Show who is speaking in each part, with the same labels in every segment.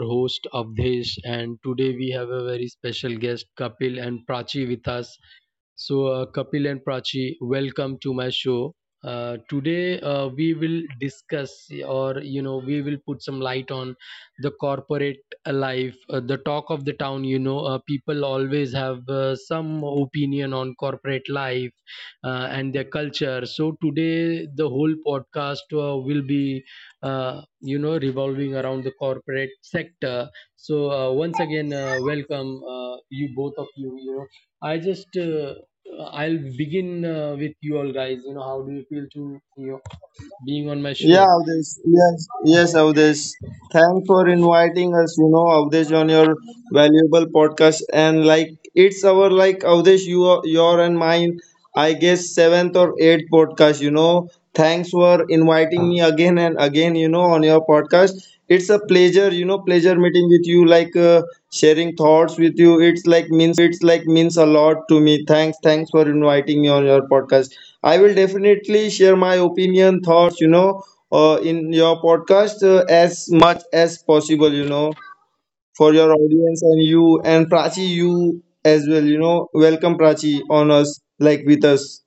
Speaker 1: host Avdesh and today we have a very special guest Kapil and Prachi with us. So, Kapil and Prachi, welcome to my show. Today, we will discuss, or you know, we will put some light on the corporate life, the talk of the town. You know, people always have some opinion on corporate life, and their culture. So today, the whole podcast will be, you know, revolving around the corporate sector. So once again, welcome, you both of you. You know. I just I'll begin with you all guys. You know, how do you feel to you know, being on my
Speaker 2: Yeah,
Speaker 1: show?
Speaker 2: Avdesh. Yes, yes, Avdesh. Thanks for inviting us, you know, Avdesh, on your valuable podcast. And like it's our like Avdesh, your and mine, I guess, seventh or eighth podcast. You know, thanks for inviting me again and again, you know, on your podcast. It's a pleasure, you know, pleasure meeting with you. Sharing thoughts with you, it's like means a lot to me. Thanks for inviting me on your podcast. I will definitely share my opinion, thoughts, in your podcast as much as possible, you know, for your audience and you and Prachi, you as well. You know, welcome Prachi on us, like with us.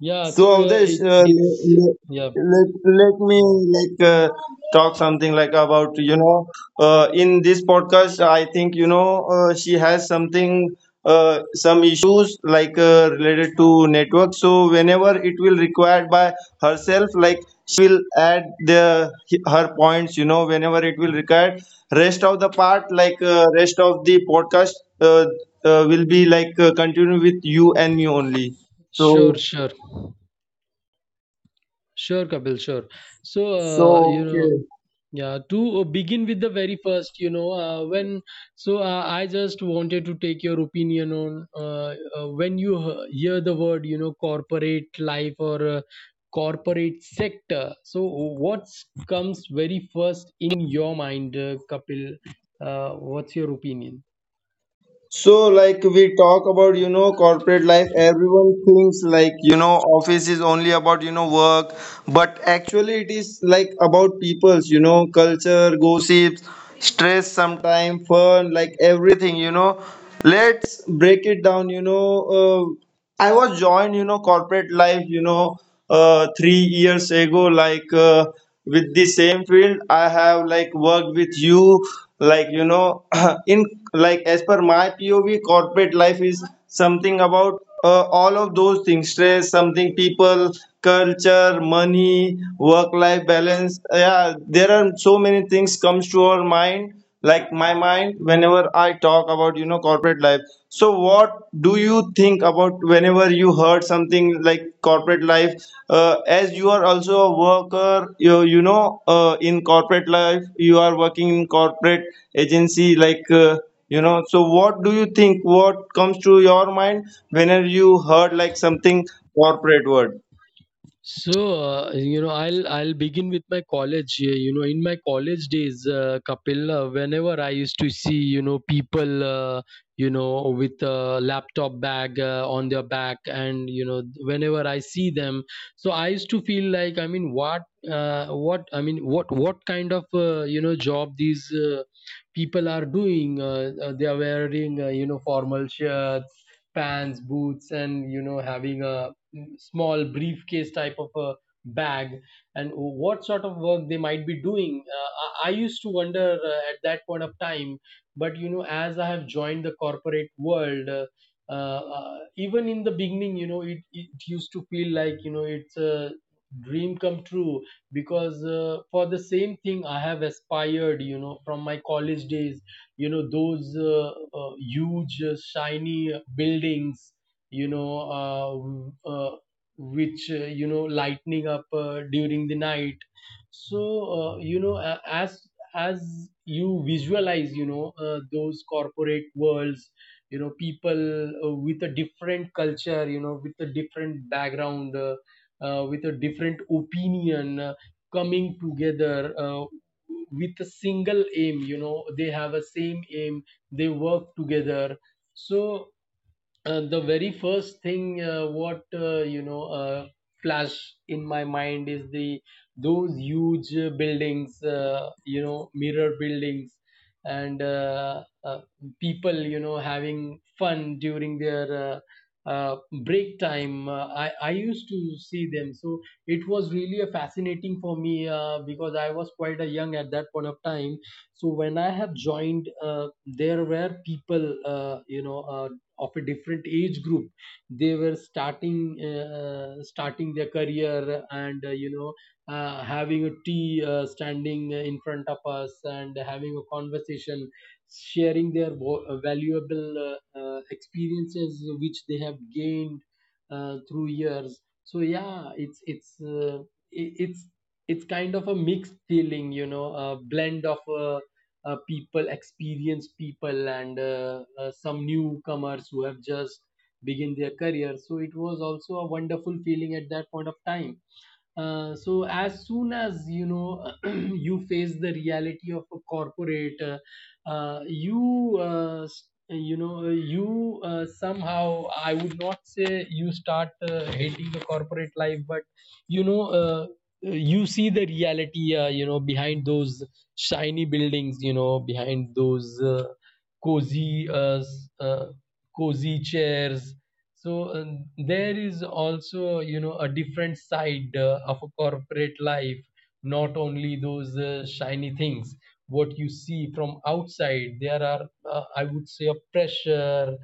Speaker 1: Yeah,
Speaker 2: So
Speaker 1: so
Speaker 2: Avdesh,
Speaker 1: it's it's
Speaker 2: let,
Speaker 1: yeah,
Speaker 2: let, let me like uh, talk something like about in this podcast. I think she has something some issues related to network. So whenever it will required by herself, like she will add the her points, you know, whenever it will required. Rest of the part rest of the podcast will be continue with you and me only.
Speaker 1: sure,
Speaker 2: So.
Speaker 1: sure, sure, Kapil, sure. So you know,
Speaker 2: Okay.
Speaker 1: yeah, to begin with the very first, you know, when so I just wanted to take your opinion on when you hear the word, you know, corporate life or corporate sector. So what comes very first in your mind, Kapil? What's your opinion?
Speaker 2: So, like we talk about, you know, corporate life, everyone thinks like, you know, office is only about, you know, work, but actually it is like about people's, you know, culture, gossips, stress sometime, fun, like everything, you know. Let's break it down. I was joined, you know, corporate life, 3 years ago, with the same field. I have like worked with you, like, you know, in like as per my POV, corporate life is something about all of those things: stress, something people, culture, money, work life balance. Yeah, there are so many things comes to our mind like my mind whenever I talk about, you know, corporate life. So what do you think about whenever you heard something like corporate life? As you are also a worker, you know in corporate life you are working in corporate agency like. So what do you think, what comes to your mind whenever you heard like something corporate word?
Speaker 1: So, you know, I'll begin with my college. You know, in my college days, Kapil, whenever I used to see, you know, people, you know, with a laptop bag on their back, and you know, whenever I see them, so I used to feel like, I mean, what, I mean, what kind of, you know, job these people are doing? They are wearing, you know, formal shirts, pants, boots, and you know, having a small briefcase type of a bag and what sort of work they might be doing, I used to wonder at that point of time, but you know, as I have joined the corporate world, even in the beginning, you know, it used to feel like, you know, it's a dream come true because for the same thing I have aspired, you know, from my college days, you know, those huge shiny buildings, you know, which you know, lightening up during the night. So, you know, as you visualize, you know, those corporate worlds, you know, people with a different culture, you know, with a different background, with a different opinion, coming together with a single aim. You know, they have a same aim. They work together. So the very first thing what you know flash in my mind is the those huge buildings, you know, mirror buildings, and people, you know, having fun during their uh, break time, I used to see them, so it was really a fascinating for me because I was quite a young at that point of time. So when I have joined, there were people you know, of a different age group. They were starting starting their career and you know, having a tea, standing in front of us and having a conversation, sharing their valuable experiences which they have gained through years. So yeah, it's it, it's kind of a mixed feeling, you know, a blend of people, experienced people, and some newcomers who have just begin their career. So it was also a wonderful feeling at that point of time. So as soon as you know you face the reality of a corporate, you you know, you somehow, I would not say you start hating the corporate life, but you know, you see the reality you know, behind those shiny buildings, you know, behind those cozy cozy chairs. So there is also, you know, a different side of a corporate life, not only those shiny things what you see from outside. There are, I would say, a pressure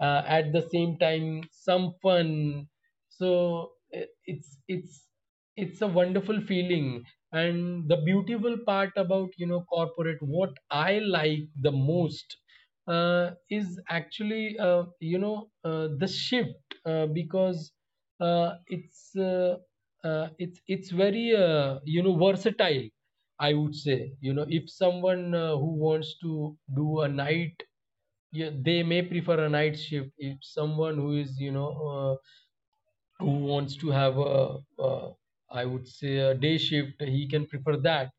Speaker 1: at the same time some fun. So it's a wonderful feeling, and the beautiful part about, you know, corporate, what I like the most, is actually you know, the shift, because it's it's very you know, versatile, I would say. You know, if someone who wants to do a night, yeah, they may prefer a night shift. If someone who is, you know, who wants to have a, I would say, a day shift, he can prefer that.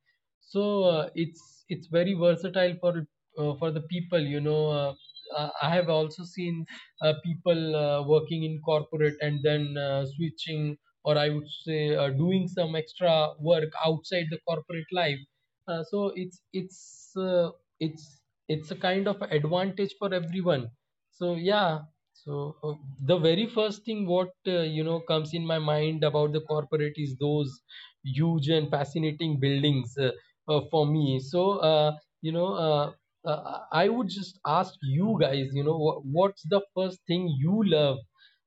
Speaker 1: So it's very versatile for the people. You know, I have also seen people working in corporate and then switching, or I would say, doing some extra work outside the corporate life. Uh, so it's it's uh, it's it's a kind of advantage for everyone. So yeah, so the very first thing what you know, comes in my mind about the corporate is those huge and fascinating buildings for me. So you know, I would just ask you guys, you know, what's the first thing you love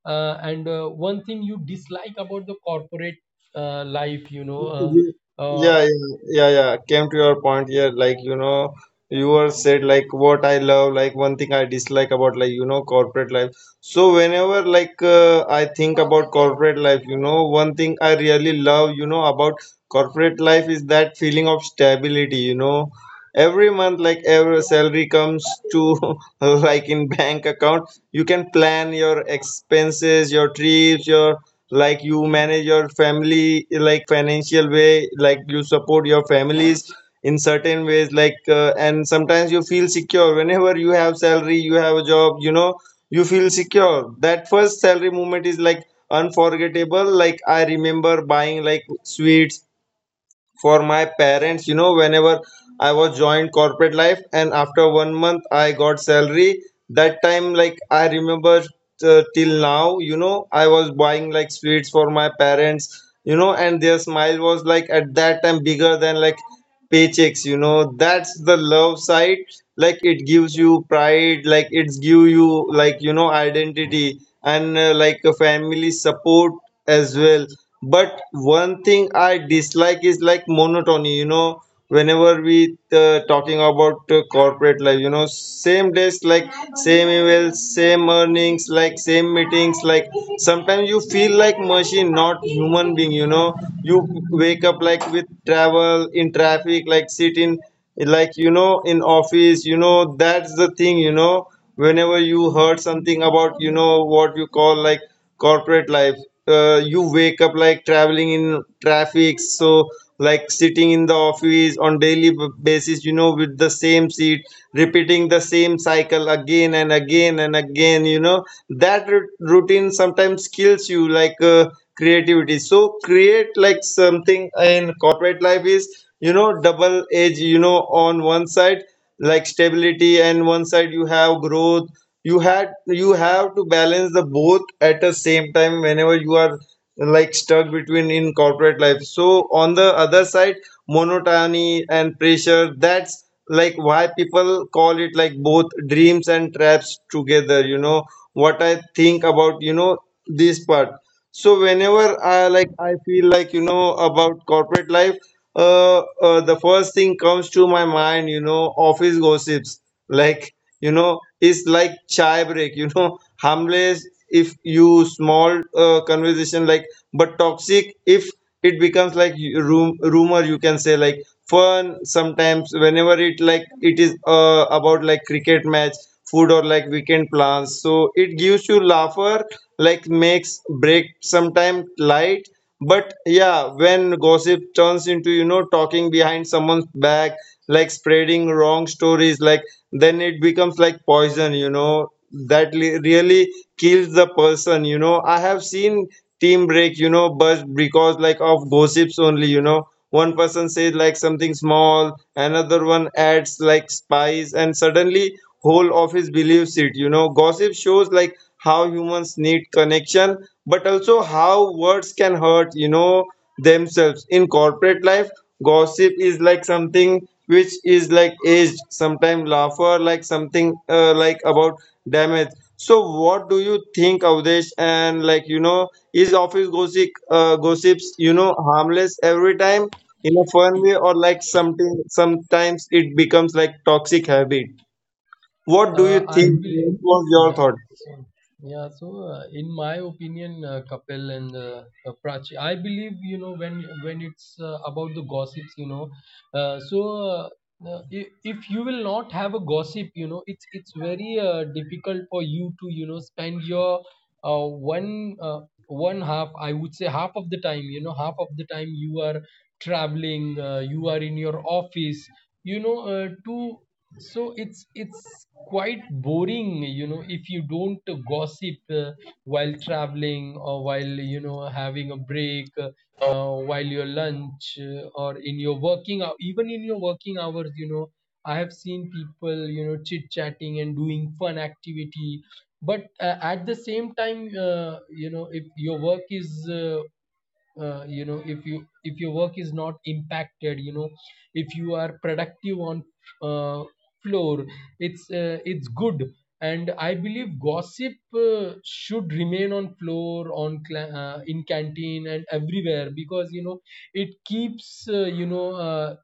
Speaker 1: and one thing you dislike about the corporate life, you know, uh,
Speaker 2: Y-
Speaker 1: uh,
Speaker 2: Yeah, yeah, yeah, yeah. Came to your point here, like, you know, you were said like what I love, like one thing I dislike about, like, you know, corporate life. So whenever I think about corporate life, you know, one thing I really love, you know, about corporate life is that feeling of stability. You know, every month like every salary comes to like in bank account, you can plan your expenses, your trips, your like you manage your family like financial way, like you support your families in certain ways, and sometimes you feel secure whenever you have salary, you have a job, you know, you feel secure. That first salary moment is like unforgettable. Like I remember buying like sweets for my parents, you know, whenever I was joined corporate life. And after 1 month I got salary, that time, like I remember till now, you know, I was buying like sweets for my parents, you know, and their smile was like at that time bigger than like paychecks, you know. That's the love side. Like it gives you pride, like it's give you, like you know, identity, and like a family support as well. But one thing I dislike is like monotony. You know, whenever we talking about corporate life, you know, same days, like same emails, same earnings, like same meetings, like sometimes you feel like machine, not human being. You know, you wake up like with travel in traffic, like sit in, like, you know, in office. You know, that's the thing, you know, whenever you heard something about, you know, what you call like corporate life, you wake up like traveling in traffic, so like sitting in the office on daily basis, you know, with the same seat, repeating the same cycle again and again and again. You know, that routine sometimes kills you, like creativity. So create like something in corporate life is, you know, double edge, you know. On one side, like stability, and one side you have growth. You have to balance the both at the same time whenever you are like stuck between in corporate life. So on the other side, monotony and pressure. That's like why people call it like both dreams and traps together. You know what I think about, you know, this part. So whenever I feel like, you know, about corporate life, the first thing comes to my mind, you know, office gossips. Like, you know, it's like chai break, you know, harmless if you small conversation, like, but toxic if it becomes like rumor, you can say, like, fun sometimes whenever it like it is about like cricket match, food, or like weekend plans. So it gives you laugher, like makes break sometime light. But yeah, when gossip turns into, you know, talking behind someone's back, like spreading wrong stories, like then it becomes like poison, you know, that really kills the person, you know. I have seen team break, you know, but because like of gossips only, you know. One person says like something small, another one adds like spice, and suddenly whole office believes it. You know, gossip shows like how humans need connection, but also how words can hurt, you know, themselves. In corporate life, gossip is like something which is like aged, sometimes laughter, like something like about damage. So, what do you think, Avdesh? And like, you know, is office gossip, gossips, you know, harmless every time in a fun way, or like something sometimes it becomes like toxic habit? What do you
Speaker 1: I
Speaker 2: think? What
Speaker 1: believe,
Speaker 2: was your
Speaker 1: yeah.
Speaker 2: thought?
Speaker 1: So, yeah. So, in my opinion, Kapil and Prachi, I believe, you know, when it's about the gossips, you know. Uh, so, uh, if you will not have a gossip, you know, it's very difficult for you to, you know, spend your uh, one uh, one half. I would say half of the time, you know, half of the time you are traveling, you are in your office, you know, to, so it's quite boring, you know, if you don't gossip while traveling or while, you know, having a break while your lunch or in your working hour, even in your working hours, you know, I have seen people, you know, chit chatting and doing fun activity, but at the same time, you know, if your work is you know, if your work is not impacted, you know, if you are productive on uh, floor, it's good, and I believe gossip should remain on floor, on in canteen and everywhere, because you know, it keeps you know,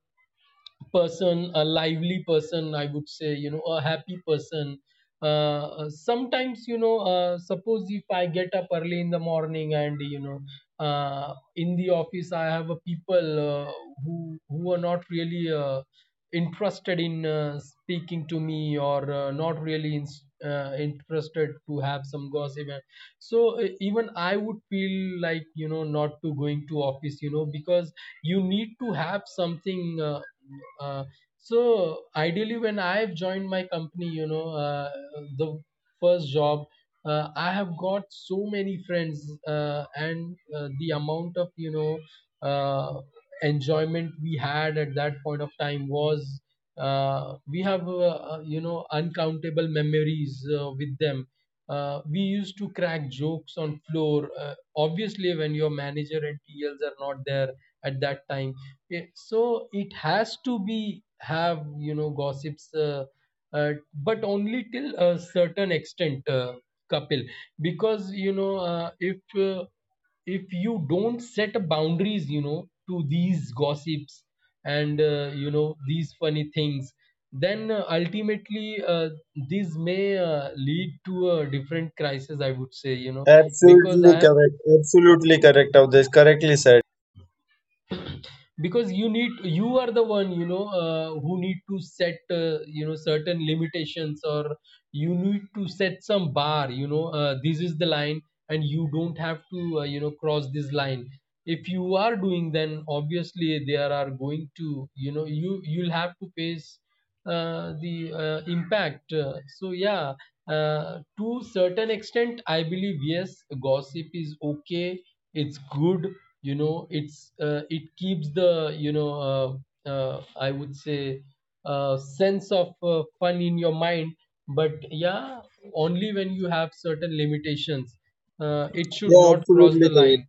Speaker 1: person, a lively person, I would say, you know, a happy person. Sometimes, you know, suppose if I get up early in the morning and, you know, in the office, I have a people uh, who are not really interested in speaking to me or not really in, interested to have some gossip. And so even I would feel like, you know, not to going to office, you know, because you need to have something. Uh, so ideally, when I've joined my company, you know, the first job, I have got so many friends, and the amount of, you know, uh, enjoyment we had at that point of time was, we have you know, uncountable memories with them. We used to crack jokes on floor. Obviously, when your manager and TLs are not there at that time, yeah, so it has to be have, you know, gossips, uh, but only till a certain extent, Kapil, because you know, if you don't set boundaries, you know, to these gossips and you know, these funny things, then ultimately these may lead to a different crisis. I would say, you know, because I
Speaker 2: Absolutely
Speaker 1: have,
Speaker 2: correct. Absolutely correct, Avdesh. Correctly said.
Speaker 1: because you need, you are the one, you know, who need to set you know, certain limitations, or you need to set some bar, you know, this is the line and you don't have to you know, cross this line. If you are doing, then obviously there are going to, you know, you'll have to face the impact. So yeah, to certain extent, I believe yes, gossip is okay. It's good. You know, it's it keeps the, you know, I would say sense of fun in your mind. But yeah, only when you have certain limitations. It should
Speaker 2: Yeah,
Speaker 1: not cross the
Speaker 2: absolutely correct.
Speaker 1: line.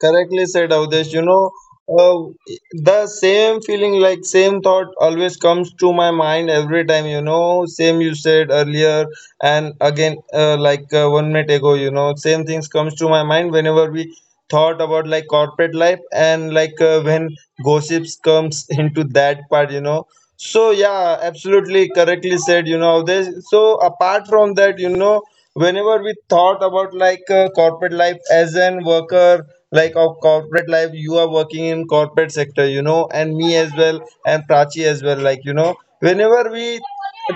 Speaker 2: Correctly said,
Speaker 1: Yeah.
Speaker 2: Avdesh. You know, uh, the same feeling, like same thought, always comes to my mind every time. You know, same you said earlier, and again, 1 minute ago. You know, same things comes to my mind whenever we thought about like corporate life and when gossips comes into that part. You know, so yeah, absolutely correctly said, you know, Avdesh. So apart from that, you know, whenever we thought about corporate life as an worker like of corporate life, you are working in corporate sector, you know, and me as well, and Prachi as well, like, you know, whenever we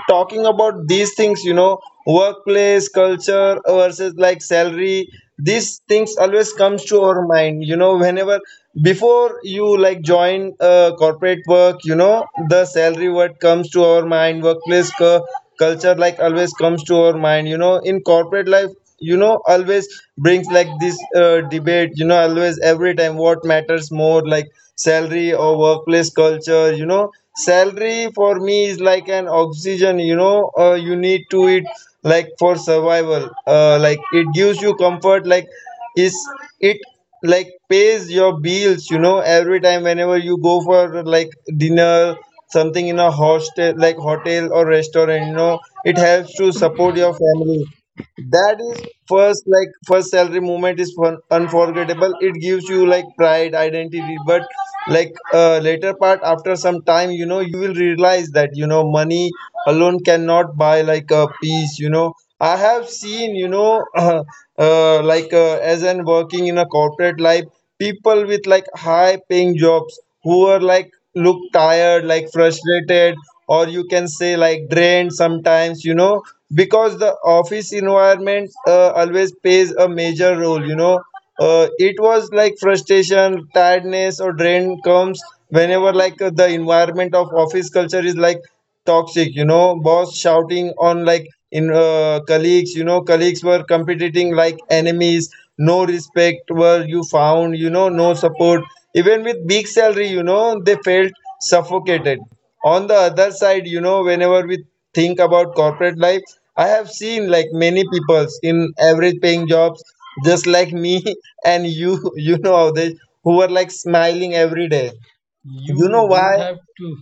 Speaker 2: talking about these things, you know, workplace culture versus like salary, these things always comes to our mind. You know, whenever before you like join corporate work, you know, the salary, what comes to our mind, workplace culture, like always comes to our mind. You know, in corporate life, you know, always brings like this debate, you know, always every time, what matters more, like salary or workplace culture. You know, salary for me is like an oxygen, you know, you need to it like for survival, like it gives you comfort, like is it like pays your bills, you know, every time whenever you go for like dinner something in a hostel, like hotel or restaurant, you know, it helps to support your family. That is first, like first salary moment is fun, unforgettable. It gives you like pride, identity. But later part, after some time, you know, you will realize that, you know, money alone cannot buy like a peace. You know, I have seen, you know, as in working in a corporate life, people with like high paying jobs who are like look tired, like frustrated, or you can say like drained sometimes, you know, because the office environment always plays a major role. You know, it was like frustration, tiredness, or drain comes whenever the environment of office culture is like toxic. You know, boss shouting on like in colleagues, you know, colleagues were competing like enemies, no respect were you found, you know, no support. Even with big salary, you know, they felt suffocated. On the other side, you know, whenever we think about corporate life, I have seen like many peoples in average paying jobs, just like me and you, you know, how they who were like smiling every day, you
Speaker 1: You
Speaker 2: know.
Speaker 1: don't
Speaker 2: Why?
Speaker 1: have to.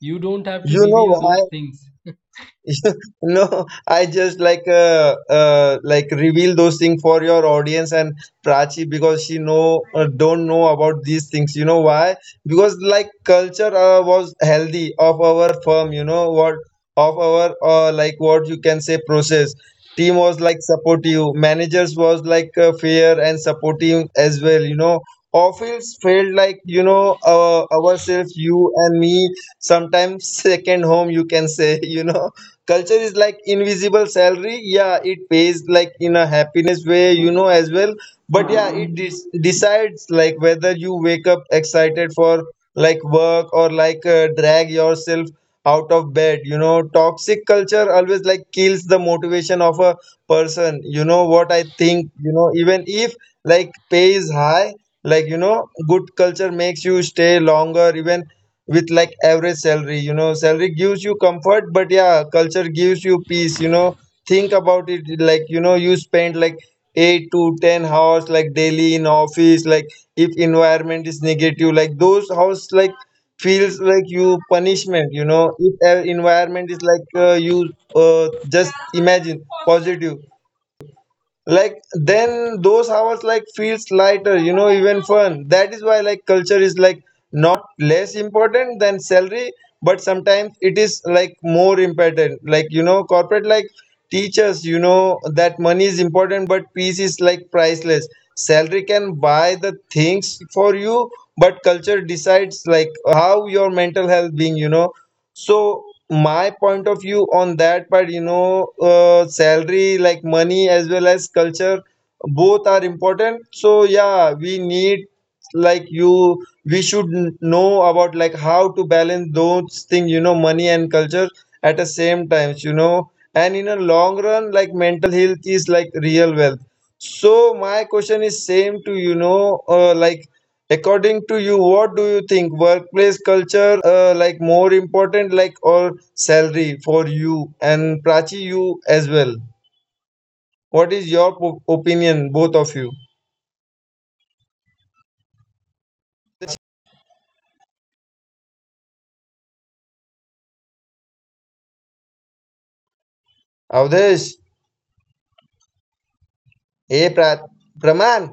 Speaker 1: You don't have to
Speaker 2: You know
Speaker 1: reveal
Speaker 2: why?
Speaker 1: those things.
Speaker 2: No, I just reveal those things for your audience and Prachi, because she know don't know about these things. You know why? Because like culture was healthy of our firm, you know, what of our like what you can say process. Team was like supportive. Managers was fair and supportive as well. You know, office felt like, you know, ourselves, you and me sometimes second home, you can say. You know, culture is like invisible salary. Yeah, it pays like in a happiness way, you know, as well. But yeah, it decides like whether you wake up excited for like work, or like drag yourself out of bed. You know, toxic culture always like kills the motivation of a person. You know what I think, you know, even if like pay is high, like, you know, good culture makes you stay longer even with like average salary. You know, salary gives you comfort, but yeah, culture gives you peace. You know, think about it like, you know, you spend like 8 to 10 hours like daily in office. Like if environment is negative, like those hours like feels like you punishment. You know, if environment is like you just imagine positive, like then those hours like feels lighter, you know, even fun. That is why like culture is like not less important than salary, but sometimes it is like more important. Like, you know, corporate like teaches, you know, that money is important, but peace is like priceless. Salary can buy the things for you, but culture decides like how your mental health being, you know. So my point of view on that part, you know, salary like money as well as culture, both are important. So yeah, we need like you we should n- know about like how to balance those things, you know, money and culture at the same times, you know. And in a long run, like mental health is like real wealth. So my question is same to you, know, like, according to you, what do you think? Workplace culture like more important, like, or salary for you and Prachi, you as well? What is your opinion, both of you? Avdesh, hey Praman,